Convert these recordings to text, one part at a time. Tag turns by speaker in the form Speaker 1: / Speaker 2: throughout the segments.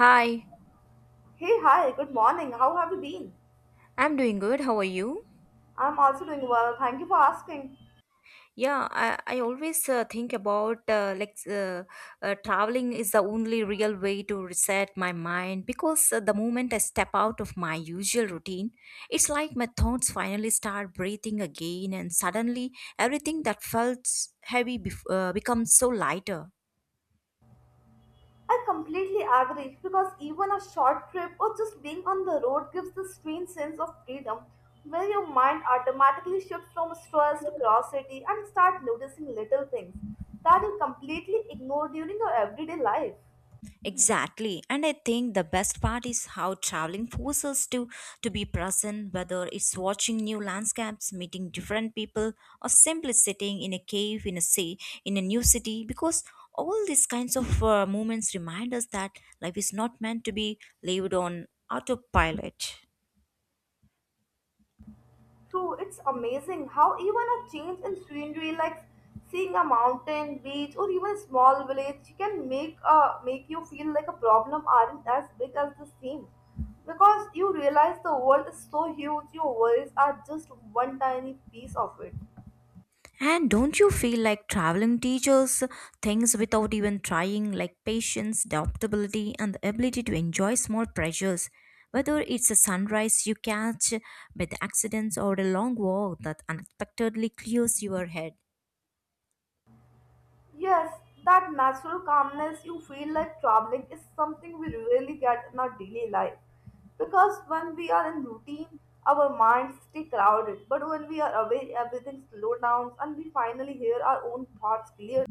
Speaker 1: Hi,
Speaker 2: Hey, hi, good morning. How have you been?
Speaker 1: I'm doing good. How are you?
Speaker 2: I'm also doing well. Thank you for asking.
Speaker 1: Yeah, I always think about traveling is the only real way to reset my mind because the moment I step out of my usual routine, it's like my thoughts finally start breathing again, and suddenly everything that felt becomes so lighter.
Speaker 2: I completely agree because even a short trip or just being on the road gives this strange sense of freedom where your mind automatically shifts from stress to curiosity and start noticing little things that you completely ignore during your everyday life.
Speaker 1: Exactly. And I think the best part is how traveling forces us to be present, whether it's watching new landscapes, meeting different people, or simply sitting in a cave in a sea in a new city because all these kinds of moments remind us that life is not meant to be lived on autopilot.
Speaker 2: True, it's amazing how even a change in scenery, like seeing a mountain, beach, or even a small village, can make you feel like a problem aren't as big as they seem, because you realize the world is so huge. Your worries are just one tiny piece of it.
Speaker 1: And don't you feel like traveling teaches things without even trying, like patience, adaptability, and the ability to enjoy small pleasures? Whether it's a sunrise you catch by the accidents or a long walk that unexpectedly clears your head.
Speaker 2: Yes, that natural calmness you feel like traveling is something we rarely get in our daily life. Because when we are in routine, our minds stay crowded. But when we are away, everything slows down and we finally hear our own thoughts clearly.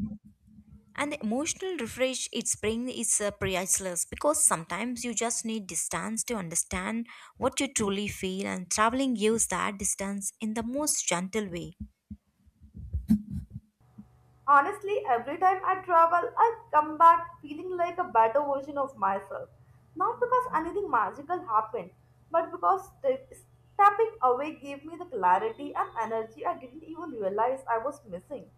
Speaker 1: And the emotional refresh it brings is priceless because sometimes you just need distance to understand what you truly feel, and traveling gives that distance in the most gentle way.
Speaker 2: Honestly, every time I travel, I come back feeling like a better version of myself. Not because anything magical happened, but because stepping away gave me the clarity and energy I didn't even realize I was missing.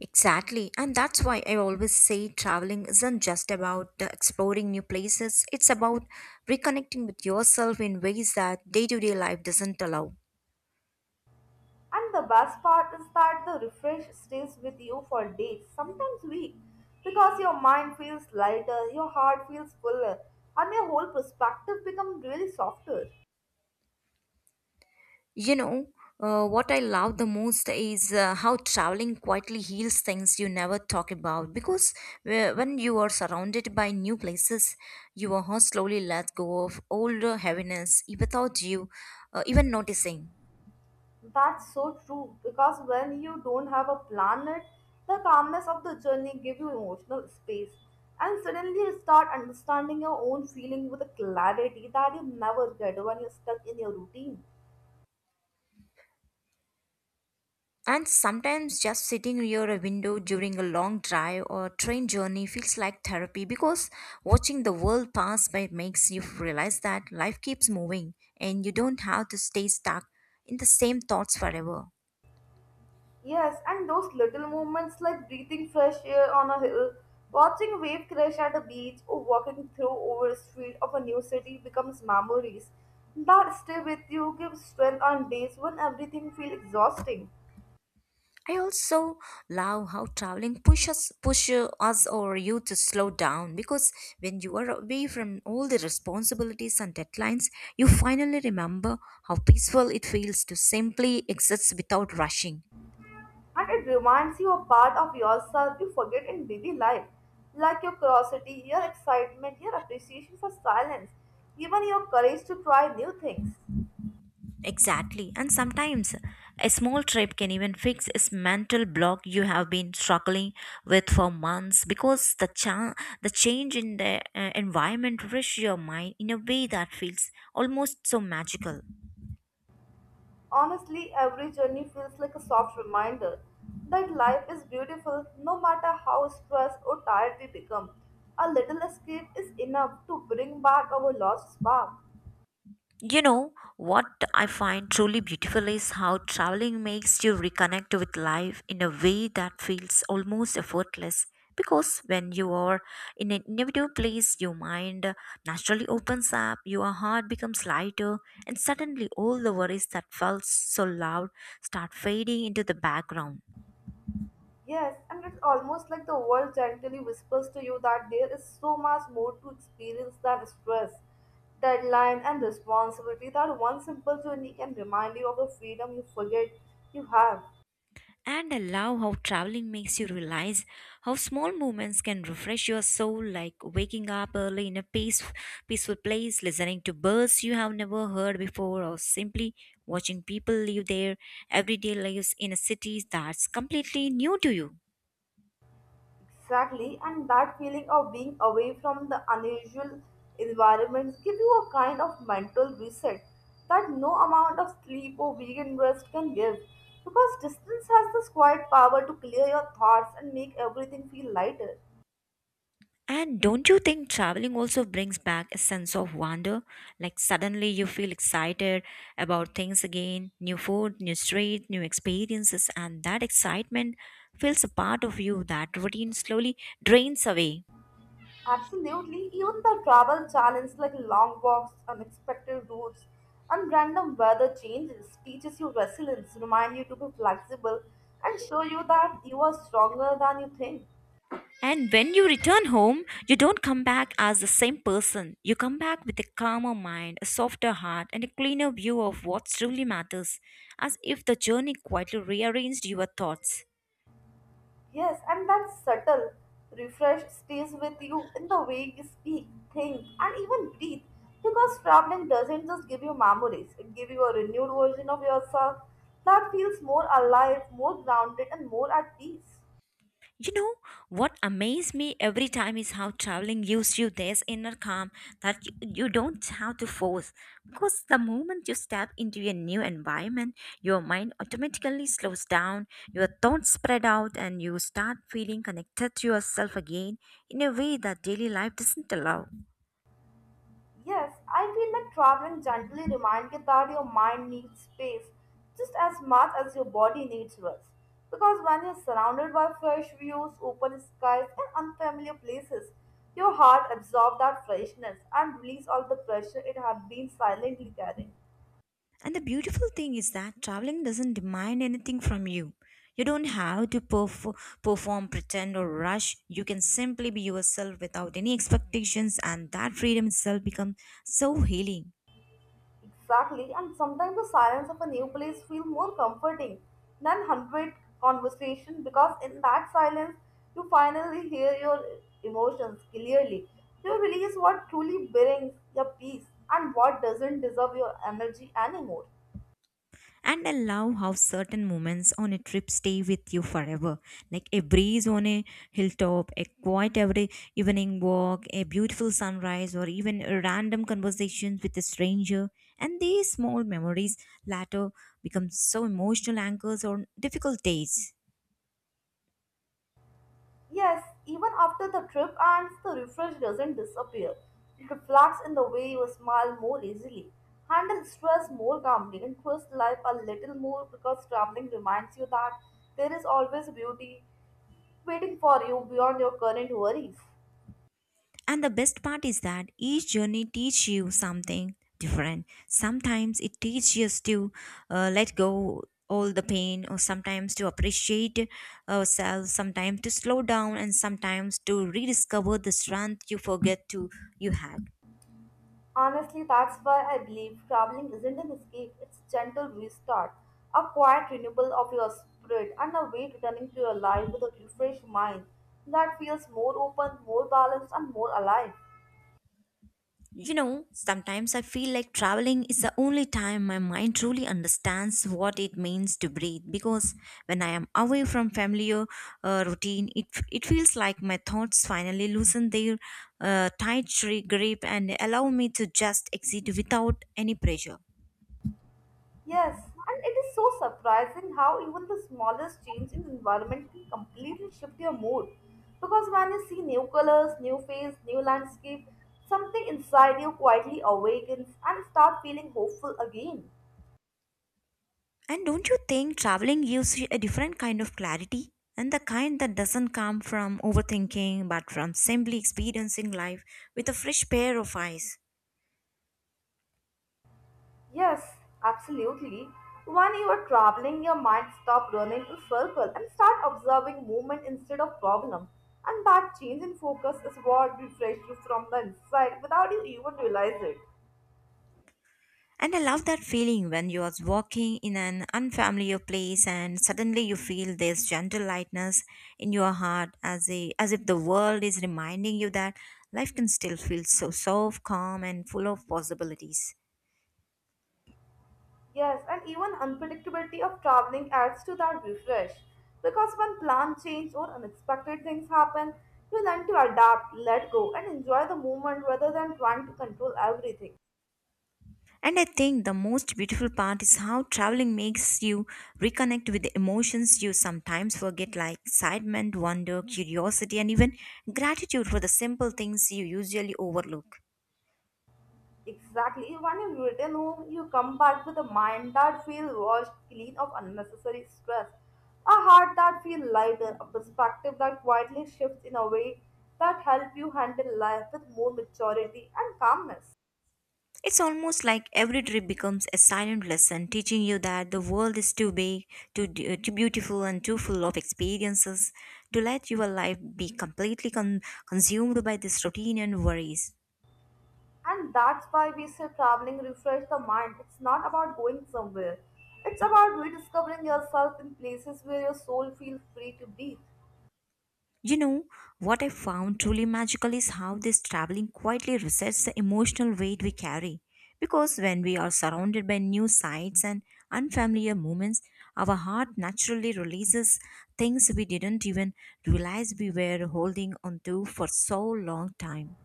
Speaker 1: Exactly, and that's why I always say traveling isn't just about exploring new places, it's about reconnecting with yourself in ways that day to day life doesn't allow.
Speaker 2: And the best part is that the refresh stays with you for days, sometimes weeks, because your mind feels lighter, your heart feels fuller, and your whole perspective becomes really softer.
Speaker 1: You know, what I love the most is how traveling quietly heals things you never talk about because when you are surrounded by new places, you are slowly let go of older heaviness without you even noticing.
Speaker 2: That's so true because when you don't have a planet, the calmness of the journey give you emotional space, and suddenly you start understanding your own feeling with a clarity that you never get when you're stuck in your routine.
Speaker 1: And sometimes just sitting near a window during a long drive or train journey feels like therapy because watching the world pass by makes you realize that life keeps moving and you don't have to stay stuck in the same thoughts forever.
Speaker 2: Yes, and those little moments like breathing fresh air on a hill, watching wave crash at a beach, or walking through over a street of a new city becomes memories that stay with you, give strength on days when everything feels exhausting,
Speaker 1: I also love how traveling pushes push us or you to slow down because when you are away from all the responsibilities and deadlines, you finally remember how peaceful it feels to simply exist without rushing.
Speaker 2: and it reminds you of part of yourself you forget in daily life, like your curiosity, your excitement, your appreciation for silence, even your courage to try new things.
Speaker 1: Exactly. And sometimes a small trip can even fix this mental block you have been struggling with for months because the change in the environment refresh your mind in a way that feels almost so magical.
Speaker 2: Honestly, every journey feels like a soft reminder that life is beautiful no matter how stressed or tired we become. A little escape is enough to bring back our lost spark.
Speaker 1: You know, what I find truly beautiful is how traveling makes you reconnect with life in a way that feels almost effortless. Because when you are in an individual place, your mind naturally opens up, your heart becomes lighter, and suddenly all the worries that felt so loud start fading into the background.
Speaker 2: Yes, and it's almost like the world gently whispers to you that there is so much more to experience than stress, deadline, and responsibility that one simple journey can remind you of the freedom you forget you have.
Speaker 1: And I love how traveling makes you realize how small moments can refresh your soul, like waking up early in peaceful place, listening to birds you have never heard before, or simply watching people live their everyday lives in a city that's completely new to you.
Speaker 2: Exactly, and that feeling of being away from the unusual environments give you a kind of mental reset that no amount of sleep or weekend rest can give because distance has this quiet power to clear your thoughts and make everything feel lighter.
Speaker 1: And don't you think traveling also brings back a sense of wonder? Like suddenly you feel excited about things again, new food, new street, new experiences, and that excitement fills a part of you that routine slowly drains away.
Speaker 2: Absolutely, even the travel challenge like long walks, unexpected routes, and random weather changes teaches you resilience, remind you to be flexible, and show you that you are stronger than you think.
Speaker 1: And when you return home, you don't come back as the same person. You come back with a calmer mind, a softer heart, and a cleaner view of what truly matters, as if the journey quietly rearranged your thoughts.
Speaker 2: Yes, and that subtle refresh stays with you in the way you speak, think, and even breathe. Because traveling doesn't just give you memories, it gives you a renewed version of yourself that feels more alive, more grounded, and more at peace.
Speaker 1: You know, what amazed me every time is how traveling gives you this inner calm that you don't have to force. Because the moment you step into a new environment, your mind automatically slows down, your thoughts spread out, and you start feeling connected to yourself again in a way that daily life doesn't allow.
Speaker 2: Yes, I feel that traveling gently reminds you that your mind needs space just as much as your body needs rest. Because when you're surrounded by fresh views, open skies, and unfamiliar places, your heart absorbs that freshness and releases all the pressure it had been silently carrying.
Speaker 1: And the beautiful thing is that traveling doesn't demand anything from you. You don't have to perform, pretend, or rush. You can simply be yourself without any expectations, and that freedom itself becomes so healing.
Speaker 2: Exactly, and sometimes the silence of a new place feels more comforting than hundred conversation because in that silence you finally hear your emotions clearly. You release what truly brings your peace and what doesn't deserve your energy anymore.
Speaker 1: And I love how certain moments on a trip stay with you forever. Like a breeze on a hilltop, a quiet every evening walk, a beautiful sunrise, or even a random conversations with a stranger. And these small memories later become so emotional anchors on difficult days.
Speaker 2: Yes, even after the trip ends, the refresh doesn't disappear. It reflects in the way you smile more easily, handle stress more calmly, and trust life a little more because traveling reminds you that there is always beauty waiting for you beyond your current worries.
Speaker 1: And the best part is that each journey teaches you something different. Sometimes it teaches us to let go all the pain, or sometimes to appreciate ourselves, sometimes to slow down, and sometimes to rediscover the strength you forget to you had.
Speaker 2: Honestly, that's why I believe traveling isn't an escape, it's a gentle restart, a quiet renewal of your spirit, and a way returning to your life with a refreshed mind that feels more open, more balanced, and more alive.
Speaker 1: You know, sometimes I feel like traveling is the only time my mind truly understands what it means to breathe because when I am away from familiar routine, it feels like my thoughts finally loosen their grip and allow me to just exit without any pressure.
Speaker 2: Yes, and it is so surprising how even the smallest change in environment can completely shift your mood. Because when you see new colors, new face, new landscape, something inside you quietly awakens and start feeling hopeful again.
Speaker 1: And don't you think traveling gives you a different kind of clarity? And the kind that doesn't come from overthinking but from simply experiencing life with a fresh pair of eyes.
Speaker 2: Yes, absolutely. When you are traveling, your mind stop running in circle and start observing movement instead of problem. And that change in focus is what refreshes you from the inside without you even realize it.
Speaker 1: And I love that feeling when you are walking in an unfamiliar place and suddenly you feel this gentle lightness in your heart as if the world is reminding you that life can still feel so soft, calm, and full of possibilities.
Speaker 2: Yes, and even unpredictability of traveling adds to that refresh. Because when plans change or unexpected things happen, you learn to adapt, let go, and enjoy the moment rather than trying to control everything.
Speaker 1: And I think the most beautiful part is how traveling makes you reconnect with the emotions you sometimes forget, like excitement, wonder, curiosity, and even gratitude for the simple things you usually overlook.
Speaker 2: Exactly, when you return home, you come back with a mind that feels washed clean of unnecessary stress, a heart that feels lighter, a perspective that quietly shifts in a way that help you handle life with more maturity and calmness.
Speaker 1: It's almost like every trip becomes a silent lesson, teaching you that the world is too big, too beautiful, and too full of experiences to let your life be completely consumed by this routine and worries.
Speaker 2: And that's why we say traveling refresh the mind. It's not about going somewhere. It's about rediscovering yourself in places where your soul feels free to breathe.
Speaker 1: You know, what I found truly magical is how this traveling quietly resets the emotional weight we carry. Because when we are surrounded by new sights and unfamiliar moments, our heart naturally releases things we didn't even realize we were holding on to for so long time.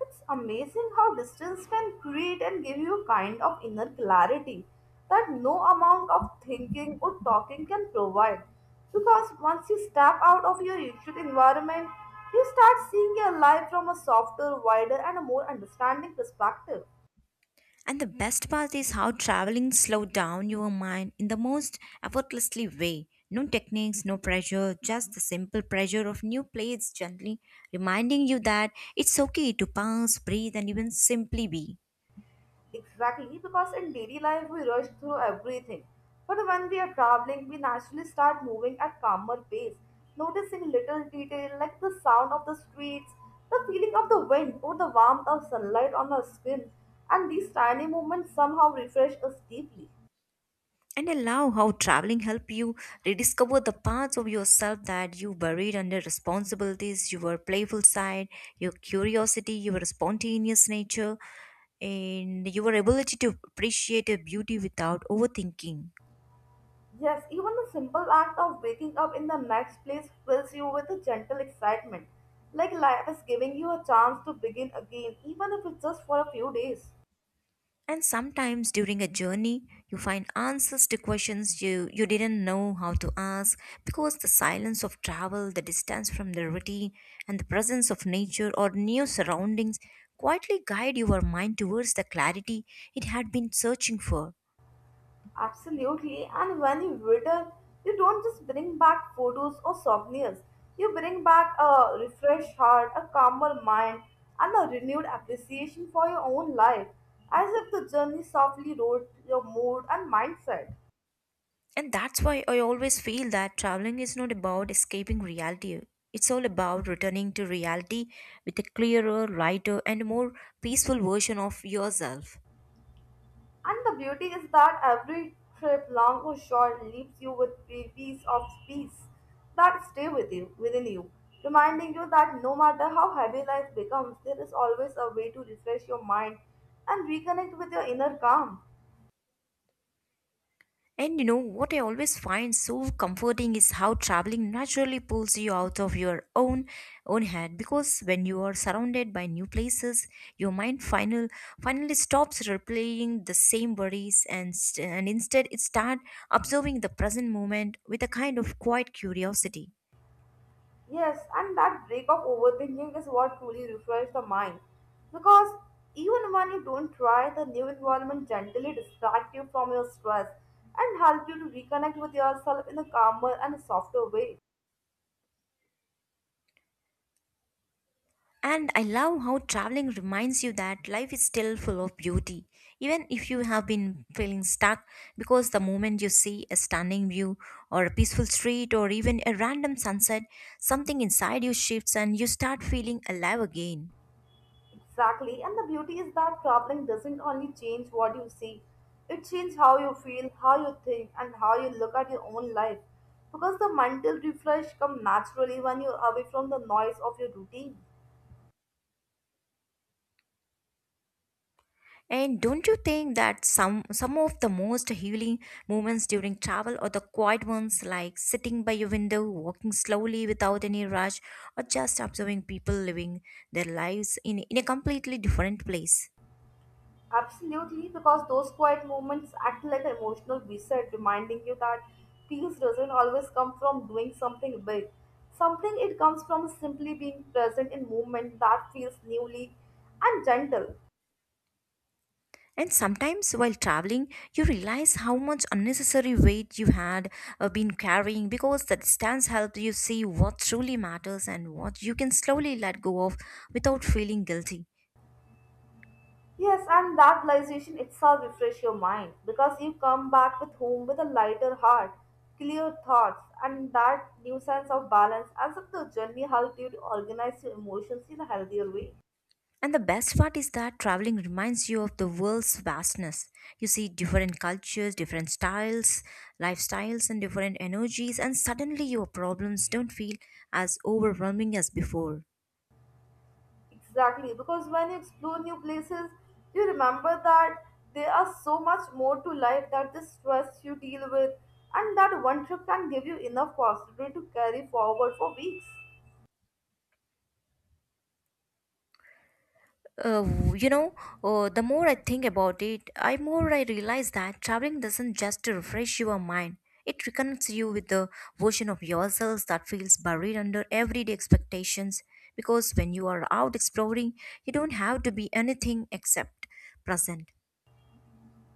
Speaker 2: It's amazing how distance can create and give you a kind of inner clarity that no amount of thinking or talking can provide. Because once you step out of your usual environment, you start seeing your life from a softer, wider, and a more understanding perspective.
Speaker 1: And the best part is how traveling slowed down your mind in the most effortlessly way. No techniques, no pressure, just the simple pressure of new plates gently reminding you that it's okay to pause, breathe, and even simply be.
Speaker 2: Exactly, because in daily life we rush through everything. But when we are traveling, we naturally start moving at calmer pace, noticing little detail like the sound of the streets, the feeling of the wind, or the warmth of sunlight on our skin. And these tiny movements somehow refresh us deeply.
Speaker 1: And allow how traveling help you rediscover the parts of yourself that you buried under responsibilities, your playful side, your curiosity, your spontaneous nature, and your ability to appreciate a beauty without overthinking.
Speaker 2: Yes, even the simple act of waking up in the next place fills you with a gentle excitement, like life is giving you a chance to begin again, even if it's just for a few days.
Speaker 1: And sometimes during a journey, you find answers to questions you didn't know how to ask because the silence of travel, the distance from the routine, and the presence of nature or new surroundings quietly guide your mind towards the clarity it had been searching for.
Speaker 2: Absolutely. And when you return, you don't just bring back photos or souvenirs. You bring back a refreshed heart, a calmer mind, and a renewed appreciation for your own life, as if the journey softly wrote your mood and mindset.
Speaker 1: And that's why I always feel that traveling is not about escaping reality. It's all about returning to reality with a clearer, lighter, and more peaceful version of yourself.
Speaker 2: And the beauty is that every trip, long or short, leaves you with pieces of peace that stay with you, within you, reminding you that no matter how heavy life becomes, there is always a way to refresh your mind and reconnect with your inner calm.
Speaker 1: And you know what I always find so comforting is how traveling naturally pulls you out of your own head because when you are surrounded by new places your mind finally stops replaying the same worries and and instead it start observing the present moment with a kind of quiet curiosity.
Speaker 2: Yes, and that break of overthinking is what truly refreshes the mind, because even when you don't try, the new environment gently distracts you from your stress and help you to reconnect with yourself in a calmer and softer way.
Speaker 1: And I love how traveling reminds you that life is still full of beauty, even if you have been feeling stuck, because the moment you see a stunning view or a peaceful street or even a random sunset, something inside you shifts and you start feeling alive again.
Speaker 2: Exactly, and the beauty is that traveling doesn't only change what you see, it changes how you feel, how you think, and how you look at your own life. Because the mental refresh comes naturally when you're away from the noise of your routine.
Speaker 1: And don't you think that some of the most healing moments during travel are the quiet ones like sitting by your window, walking slowly without any rush, or just observing people living their lives in a completely different place?
Speaker 2: Absolutely, because those quiet moments act like an emotional reset, reminding you that peace doesn't always come from doing something big. Something it comes from simply being present in movement that feels newly and gentle.
Speaker 1: And sometimes while traveling, you realize how much unnecessary weight you had been carrying because the distance helps you see what truly matters and what you can slowly let go of without feeling guilty.
Speaker 2: Yes, and that realization itself refresh your mind because you come back with home with a lighter heart, clear thoughts, and that new sense of balance as if the journey helped you to organize your emotions in a healthier way.
Speaker 1: And the best part is that traveling reminds you of the world's vastness. You see different cultures, different styles, lifestyles, and different energies, and suddenly your problems don't feel as overwhelming as before.
Speaker 2: Exactly, because when you explore new places, you remember that there are so much more to life that the stress you deal with, and that one trip can give you enough positivity to carry forward for weeks.
Speaker 1: Uh, you know, the more I think about it, I more I realize that traveling doesn't just refresh your mind. It reconnects you with the version of yourselves that feels buried under everyday expectations. Because when you are out exploring, you don't have to be anything except present.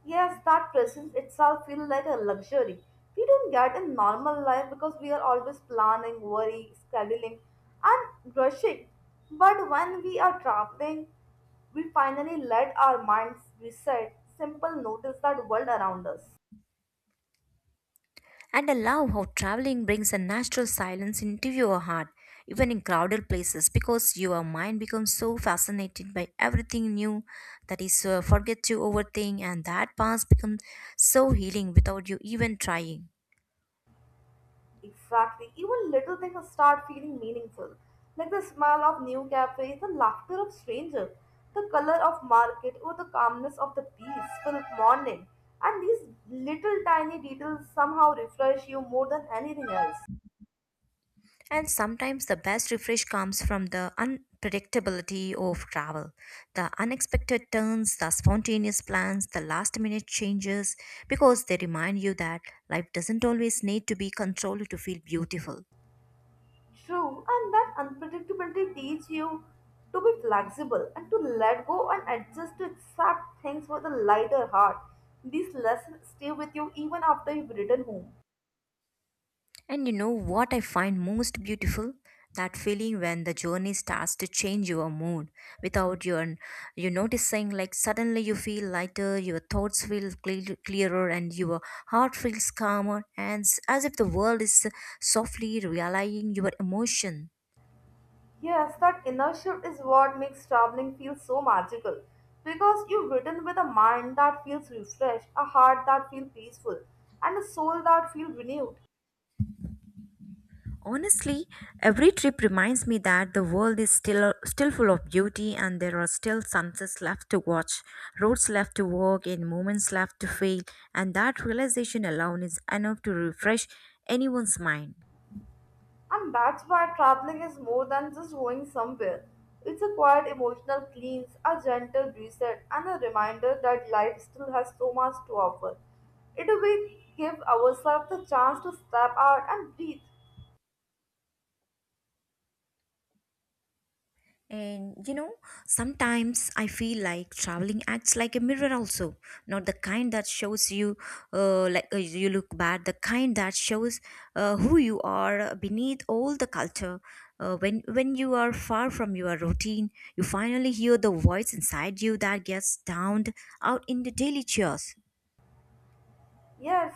Speaker 2: Yes, that presence itself feels like a luxury. We don't get in normal life because we are always planning, worrying, scheduling, and rushing. But when we are traveling, we finally let our minds reset, simple notice that world around us.
Speaker 1: And I love how traveling brings a natural silence into your heart, even in crowded places, because your mind becomes so fascinated by everything new that is forget to overthink, and that past becomes so healing without you even trying.
Speaker 2: Exactly. Even little things start feeling meaningful, like the smell of new cafes, the laughter of strangers, the color of market, or the calmness of the peaceful morning. And these little tiny details somehow refresh you more than anything else.
Speaker 1: And sometimes the best refresh comes from the unpredictability of travel. The unexpected turns, the spontaneous plans, the last minute changes, because they remind you that life doesn't always need to be controlled to feel beautiful.
Speaker 2: True, and that unpredictability teach you to be flexible and to let go and adjust to accept things with a lighter heart. These lessons stay with you even after you've returned home.
Speaker 1: And you know what I find most beautiful? That feeling when the journey starts to change your mood without you noticing, like suddenly you feel lighter, your thoughts feel clearer, and your heart feels calmer and as if the world is softly realigning your emotion.
Speaker 2: Yes, that inner shift is what makes traveling feel so magical because you've written with a mind that feels refreshed, a heart that feels peaceful, and a soul that feels renewed.
Speaker 1: Honestly, every trip reminds me that the world is still full of beauty and there are still sunsets left to watch, roads left to walk, and moments left to feel, and that realization alone is enough to refresh anyone's mind.
Speaker 2: And that's why traveling is more than just going somewhere. It's a quiet emotional cleanse, a gentle reset, and a reminder that life still has so much to offer. It will give ourselves the chance to step out and breathe.
Speaker 1: And you know, sometimes I feel like traveling acts like a mirror also, not the kind that shows you you look bad, the kind that shows who you are beneath all the culture. When you are far from your routine, you finally hear the voice inside you that gets drowned out in the daily chores.
Speaker 2: Yes,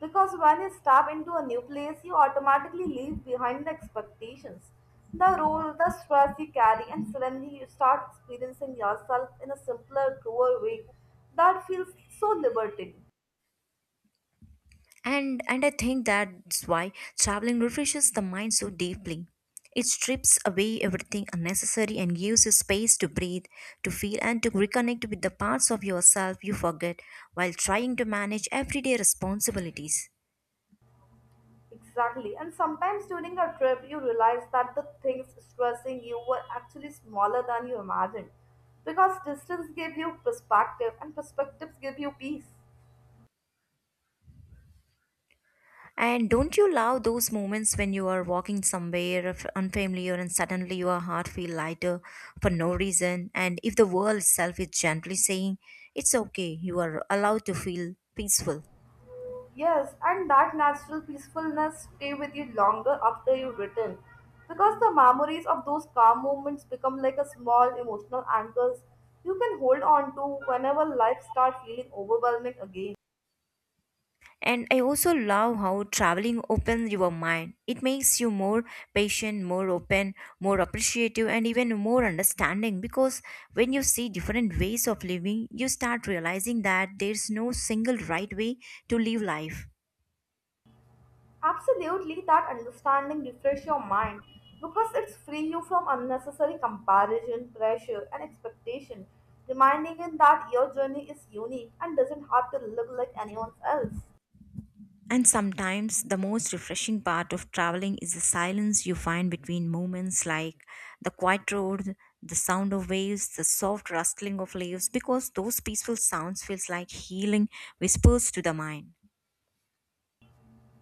Speaker 2: because when you step into a new place, you automatically leave behind the expectations, the role, the stress you carry, and suddenly you start experiencing yourself in a simpler, truer way that feels so liberating.
Speaker 1: And I think that's why traveling refreshes the mind so deeply. It strips away everything unnecessary and gives you space to breathe, to feel, and to reconnect with the parts of yourself you forget while trying to manage everyday responsibilities.
Speaker 2: Exactly, and sometimes during a trip, you realize that the things stressing you were actually smaller than you imagined because distance gave you perspective, and perspectives give you peace.
Speaker 1: And don't you love those moments when you are walking somewhere unfamiliar and suddenly your heart feel lighter for no reason, and if the world itself is gently saying it's okay, you are allowed to feel peaceful?
Speaker 2: Yes, and that natural peacefulness stay with you longer after you return because the memories of those calm moments become like a small emotional anchors you can hold on to whenever life starts feeling overwhelming again.
Speaker 1: And I also love how traveling opens your mind. It makes you more patient, more open, more appreciative, and even more understanding because when you see different ways of living, you start realizing that there's no single right way to live life.
Speaker 2: Absolutely, that understanding refresh your mind because it's free you from unnecessary comparison, pressure, and expectation, reminding you that your journey is unique and doesn't have to look like anyone else.
Speaker 1: And sometimes the most refreshing part of traveling is the silence you find between moments, like the quiet road, the sound of waves, the soft rustling of leaves, because those peaceful sounds feels like healing whispers to the mind.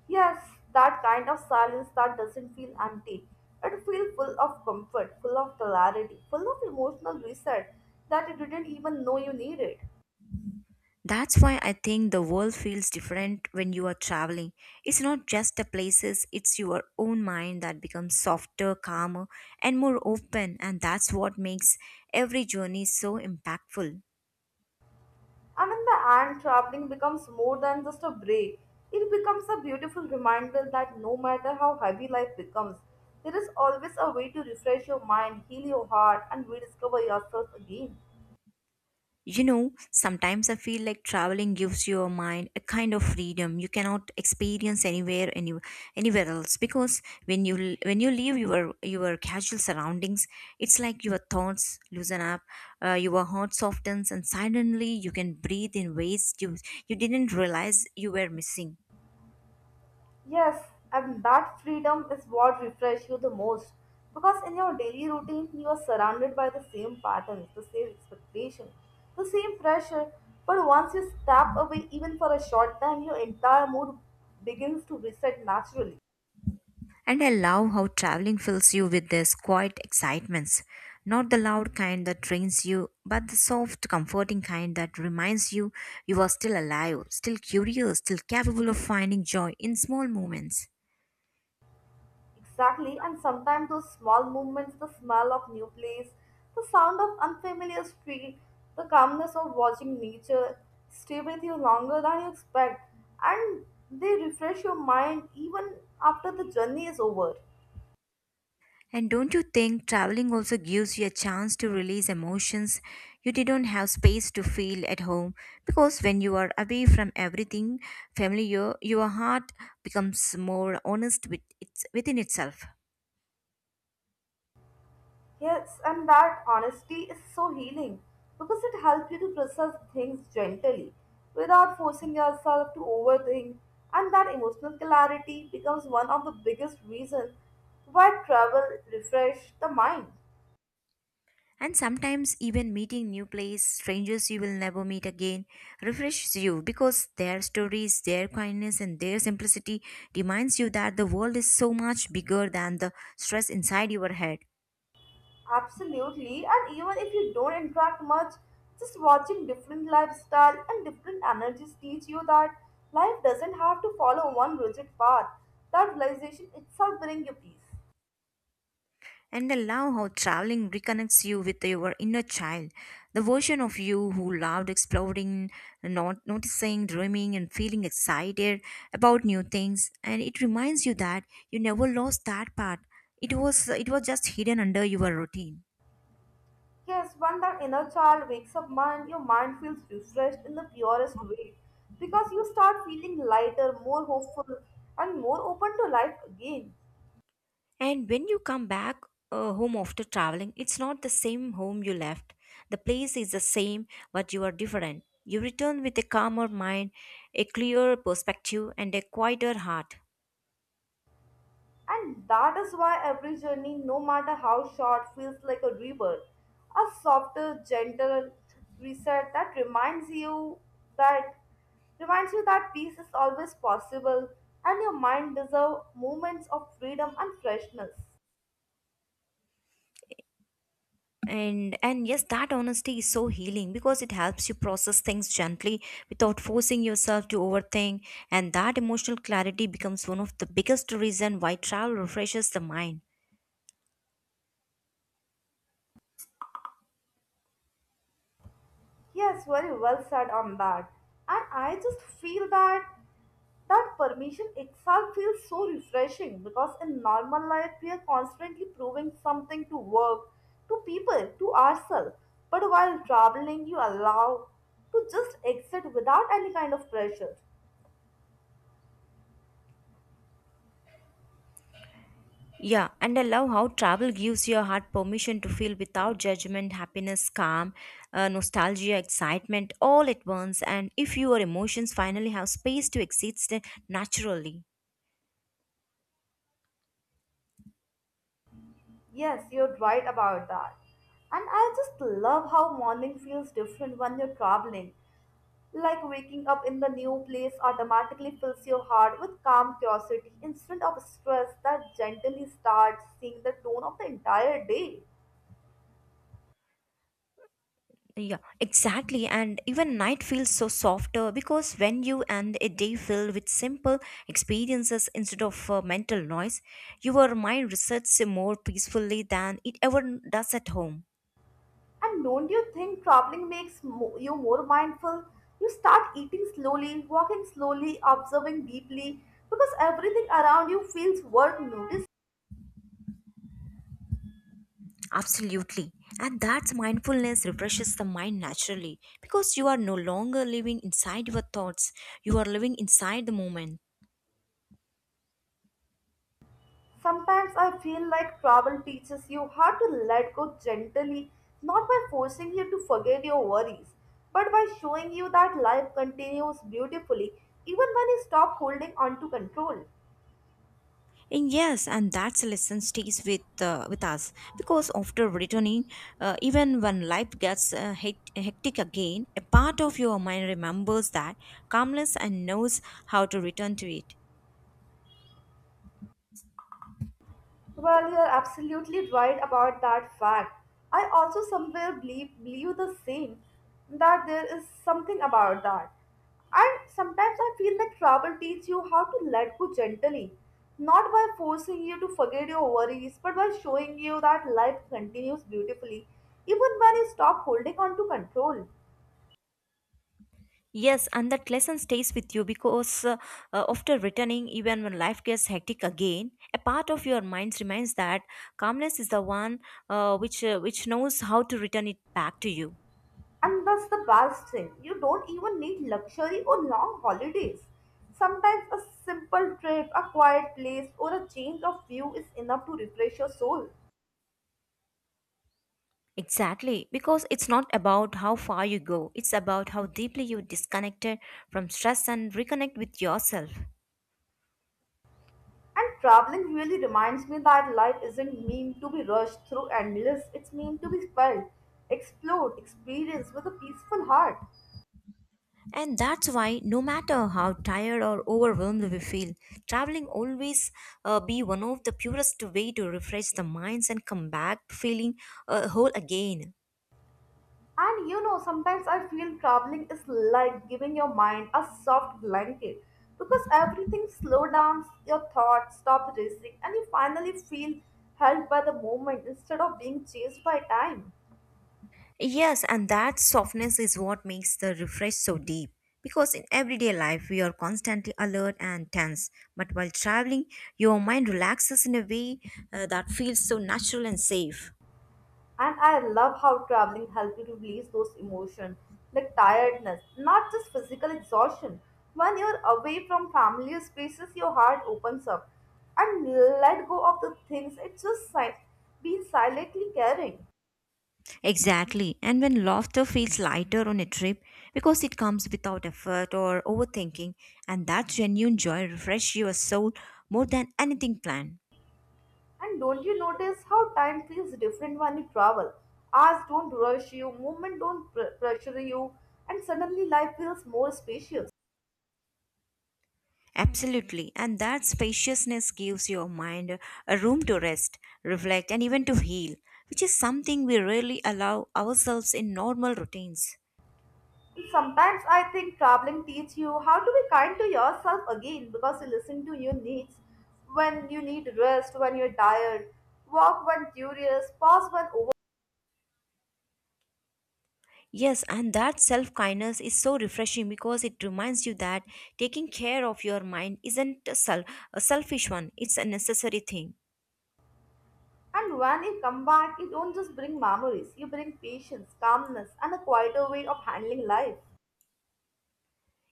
Speaker 2: Yes, that kind of silence that doesn't feel empty. It feels full of comfort, full of clarity, full of emotional reset that you didn't even know you needed.
Speaker 1: That's why I think the world feels different when you are traveling. It's not just the places, it's your own mind that becomes softer, calmer, and more open, and that's what makes every journey so impactful.
Speaker 2: And in the end, traveling becomes more than just a break. It becomes a beautiful reminder that no matter how heavy life becomes, there is always a way to refresh your mind, heal your heart, and rediscover yourself again.
Speaker 1: You know, sometimes I feel like traveling gives your mind a kind of freedom you cannot experience anywhere else because when you leave your casual surroundings, it's like your thoughts loosen up, your heart softens, and suddenly you can breathe in ways you didn't realize you were missing.
Speaker 2: Yes, and that freedom is what refreshes you the most because in your daily routine you are surrounded by the same patterns, the same expectation, the same pressure. But once you step away, even for a short time, your entire mood begins to reset naturally.
Speaker 1: And I love how traveling fills you with these quiet excitements. Not the loud kind that drains you, but the soft, comforting kind that reminds you you are still alive, still curious, still capable of finding joy in small moments.
Speaker 2: Exactly, and sometimes those small movements, the smell of new place, the sound of unfamiliar street, the calmness of watching nature stay with you longer than you expect, and they refresh your mind even after the journey is over.
Speaker 1: And don't you think traveling also gives you a chance to release emotions you didn't have space to feel at home? Because when you are away from everything familiar, your heart becomes more honest with within itself.
Speaker 2: Yes, and that honesty is so healing because it helps you to process things gently without forcing yourself to overthink. And that emotional clarity becomes one of the biggest reasons why travel refresh the mind.
Speaker 1: And sometimes even meeting new place, strangers you will never meet again, refreshes you because their stories, their kindness, and their simplicity reminds you that the world is so much bigger than the stress inside your head.
Speaker 2: Absolutely, and even if you don't interact much, just watching different lifestyle and different energies teach you that life doesn't have to follow one rigid path. That realization itself brings you peace.
Speaker 1: And I love how traveling reconnects you with your inner child, the version of you who loved exploring, not noticing, dreaming, and feeling excited about new things. And it reminds you that you never lost that part. It was just hidden under your routine.
Speaker 2: Yes, when that inner child wakes up, mind, your mind feels refreshed in the purest way because you start feeling lighter, more hopeful, and more open to life again.
Speaker 1: And when you come back home after traveling, it's not the same home you left. The place is the same, but you are different. You return with a calmer mind, a clearer perspective, and a quieter heart.
Speaker 2: And that is why every journey, no matter how short, feels like a rebirth, a softer, gentle reset that that reminds you that peace is always possible, and your mind deserves moments of freedom and freshness.
Speaker 1: And yes, that honesty is so healing because it helps you process things gently without forcing yourself to overthink. And that emotional clarity becomes one of the biggest reason why travel refreshes the mind.
Speaker 2: Yes, very well said on that. And I just feel that permission itself feels so refreshing because in normal life we are constantly proving something to work, to people, to ourselves. But while traveling, you allow to just exit without any kind of pressure.
Speaker 1: Yeah, and I love how travel gives your heart permission to feel without judgment, happiness, calm, nostalgia, excitement all at once. And if your emotions finally have space to exist naturally.
Speaker 2: Yes, you're right about that. And I just love how morning feels different when you're traveling. Like waking up in the new place automatically fills your heart with calm curiosity instead of stress that gently starts seeing the tone of the entire day.
Speaker 1: Yeah, exactly. And even night feels so softer because when you end a day filled with simple experiences instead of mental noise, your mind resets more peacefully than it ever does at home.
Speaker 2: And don't you think traveling makes you more mindful? You start eating slowly, walking slowly, observing deeply because everything around you feels worth noticing.
Speaker 1: Absolutely. And that mindfulness refreshes the mind naturally because you are no longer living inside your thoughts, you are living inside the moment.
Speaker 2: Sometimes I feel like travel teaches you how to let go gently, not by forcing you to forget your worries, but by showing you that life continues beautifully even when you stop holding on to control.
Speaker 1: And yes, and that's a lesson stays with us because after returning, even when life gets hectic again, a part of your mind remembers that calmness and knows how to return to it.
Speaker 2: Well, you're absolutely right about that fact. I also somewhere believe the same that there is something about that. And sometimes I feel that travel teaches you how to let go gently, not by forcing you to forget your worries, but by showing you that life continues beautifully even when you stop holding on to control.
Speaker 1: Yes, and that lesson stays with you because after returning, even when life gets hectic again, a part of your mind reminds that calmness is the one which knows how to return it back to you.
Speaker 2: And that's the best thing. You don't even need luxury or long holidays. Sometimes a simple trip, a quiet place, or a change of view is enough to refresh your soul.
Speaker 1: Exactly, because it's not about how far you go; it's about how deeply you disconnected from stress and reconnect with yourself.
Speaker 2: And traveling really reminds me that life isn't meant to be rushed through endless, it's meant to be felt, explored, experienced with a peaceful heart.
Speaker 1: And that's why, no matter how tired or overwhelmed we feel, traveling always be one of the purest way to refresh the minds and come back feeling whole again.
Speaker 2: And you know, sometimes I feel traveling is like giving your mind a soft blanket because everything slow down, your thoughts stop racing, and you finally feel held by the moment instead of being chased by time.
Speaker 1: Yes, and that softness is what makes the refresh so deep. Because in everyday life, we are constantly alert and tense. But while traveling, your mind relaxes in a way that feels so natural and safe.
Speaker 2: And I love how traveling helps you to release those emotions like tiredness, not just physical exhaustion. When you're away from familiar spaces, your heart opens up and let go of the things it just been silently carrying.
Speaker 1: Exactly. And when laughter feels lighter on a trip because it comes without effort or overthinking, and that genuine joy refreshes your soul more than anything planned.
Speaker 2: And don't you notice how time feels different when you travel? Hours don't rush you, movement don't pressure you, and suddenly life feels more spacious.
Speaker 1: Absolutely. And that spaciousness gives your mind a room to rest, reflect, and even to heal, which is something we rarely allow ourselves in normal routines.
Speaker 2: And sometimes I think traveling teaches you how to be kind to yourself again because you listen to your needs when you need rest, when you're tired, walk when curious, pause when over.
Speaker 1: Yes, and that self kindness is so refreshing because it reminds you that taking care of your mind isn't a selfish one, it's a necessary thing.
Speaker 2: And when you come back, you don't just bring memories, you bring patience, calmness, and a quieter way of handling life.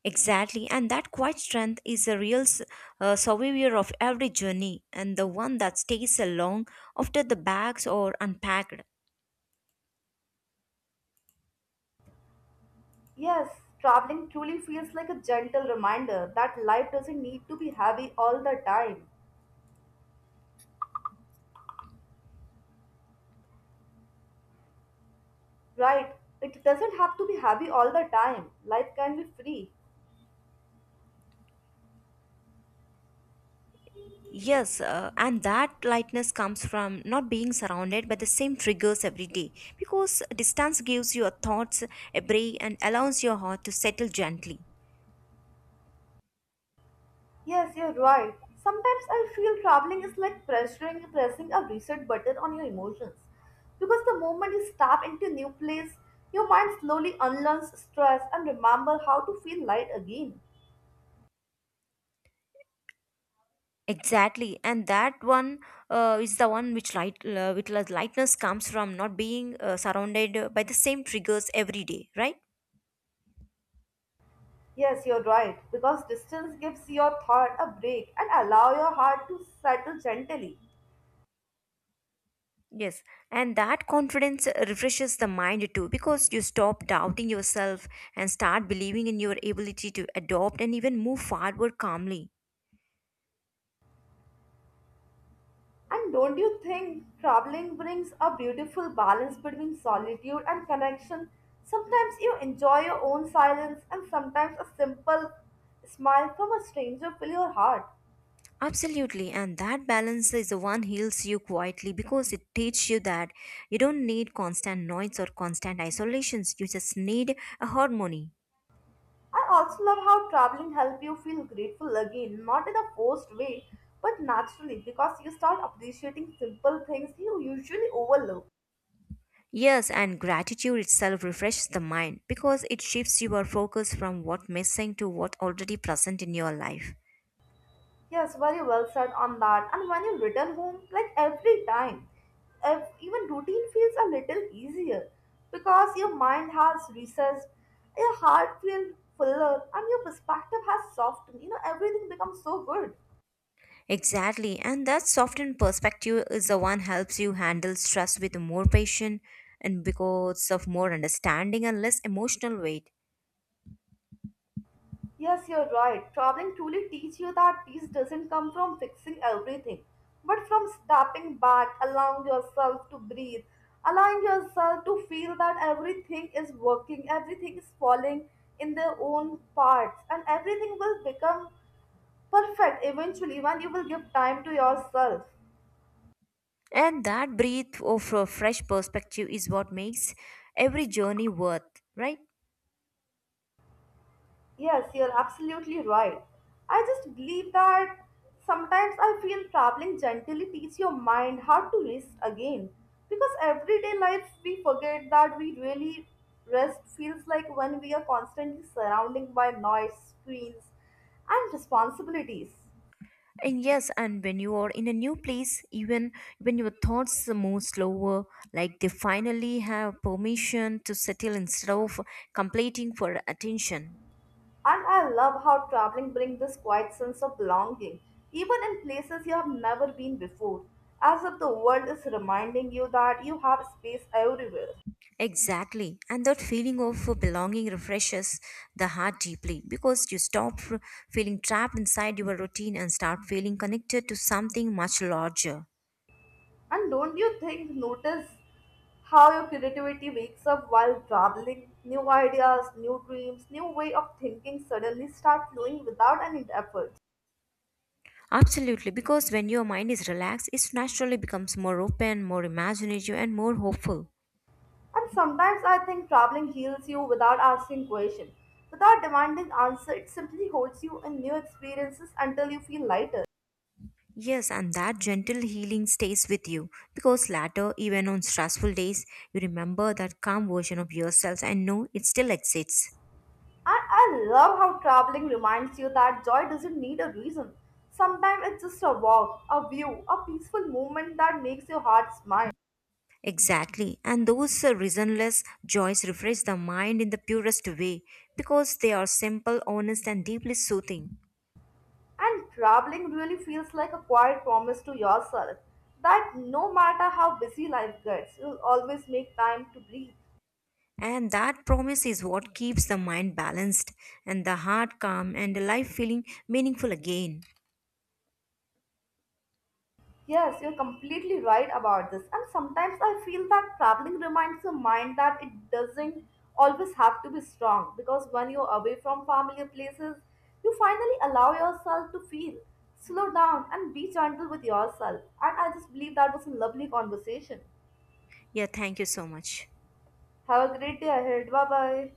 Speaker 1: Exactly, and that quiet strength is a real survivor of every journey and the one that stays along after the bags are unpacked.
Speaker 2: Yes, traveling truly feels like a gentle reminder that life doesn't need to be heavy all the time. Right, it doesn't have to be heavy all the time. Life can be free.
Speaker 1: Yes, and that lightness comes from not being surrounded by the same triggers every day because distance gives your thoughts a break and allows your heart to settle gently.
Speaker 2: Yes, you're right. Sometimes I feel traveling is like pressing a reset button on your emotions. Because the moment you step into a new place, your mind slowly unlearns stress and remember how to feel light again.
Speaker 1: Exactly, and that one is the one which which lightness comes from not being surrounded by the same triggers every day, right?
Speaker 2: Yes, you're right. Because distance gives your thought a break and allow your heart to settle gently.
Speaker 1: Yes, and that confidence refreshes the mind too because you stop doubting yourself and start believing in your ability to adopt and even move forward calmly.
Speaker 2: And don't you think traveling brings a beautiful balance between solitude and connection? Sometimes you enjoy your own silence, and sometimes a simple smile from a stranger fills your heart.
Speaker 1: Absolutely, and that balance is the one heals you quietly because it teaches you that you don't need constant noise or constant isolations, you just need a harmony.
Speaker 2: I also love how traveling helps you feel grateful again, not in a forced way, but naturally because you start appreciating simple things you usually overlook.
Speaker 1: Yes, and gratitude itself refreshes the mind because it shifts your focus from what's missing to what already present in your life.
Speaker 2: Yes, very well said on that. And when you return home, like every time, if even routine feels a little easier because your mind has recessed, your heart feels fuller, and your perspective has softened. You know, everything becomes so good.
Speaker 1: Exactly, and that softened perspective is the one helps you handle stress with more patience and because of more understanding and less emotional weight.
Speaker 2: Yes, you're right. Traveling truly teaches you that peace doesn't come from fixing everything, but from stepping back, allowing yourself to breathe, allowing yourself to feel that everything is working, everything is falling in their own parts, and everything will become perfect eventually when you will give time to yourself.
Speaker 1: And that breath of a fresh perspective is what makes every journey worth, right?
Speaker 2: Yes, you're absolutely right. I just believe that sometimes I feel traveling gently teach your mind how to rest again. Because everyday life we forget that we really rest feels like when we are constantly surrounded by noise, screens, and responsibilities.
Speaker 1: And yes, and when you are in a new place, even when your thoughts move slower, like they finally have permission to settle instead of completing for attention.
Speaker 2: And I love how traveling brings this quiet sense of belonging, even in places you have never been before, as if the world is reminding you that you have space everywhere.
Speaker 1: Exactly. And that feeling of belonging refreshes the heart deeply because you stop feeling trapped inside your routine and start feeling connected to something much larger.
Speaker 2: And don't you notice how your creativity wakes up while traveling? New ideas, new dreams, new way of thinking suddenly start flowing without any effort.
Speaker 1: Absolutely, because when your mind is relaxed, it naturally becomes more open, more imaginative, and more hopeful.
Speaker 2: And sometimes I think traveling heals you without asking questions. Without demanding answer, it simply holds you in new experiences until you feel lighter.
Speaker 1: Yes, and that gentle healing stays with you because later, even on stressful days, you remember that calm version of yourself and know it still exists.
Speaker 2: And I love how traveling reminds you that joy doesn't need a reason. Sometimes it's just a walk, a view, a peaceful moment that makes your heart smile.
Speaker 1: Exactly, and those reasonless joys refresh the mind in the purest way because they are simple, honest, and deeply soothing.
Speaker 2: And traveling really feels like a quiet promise to yourself that no matter how busy life gets, you'll always make time to breathe.
Speaker 1: And that promise is what keeps the mind balanced and the heart calm and life feeling meaningful again.
Speaker 2: Yes, you're completely right about this. And sometimes I feel that traveling reminds your mind that it doesn't always have to be strong because when you're away from familiar places, you finally allow yourself to feel, slow down, and be gentle with yourself. And I just believe that was a lovely conversation.
Speaker 1: Yeah, thank you so much.
Speaker 2: Have a great day ahead. Bye bye.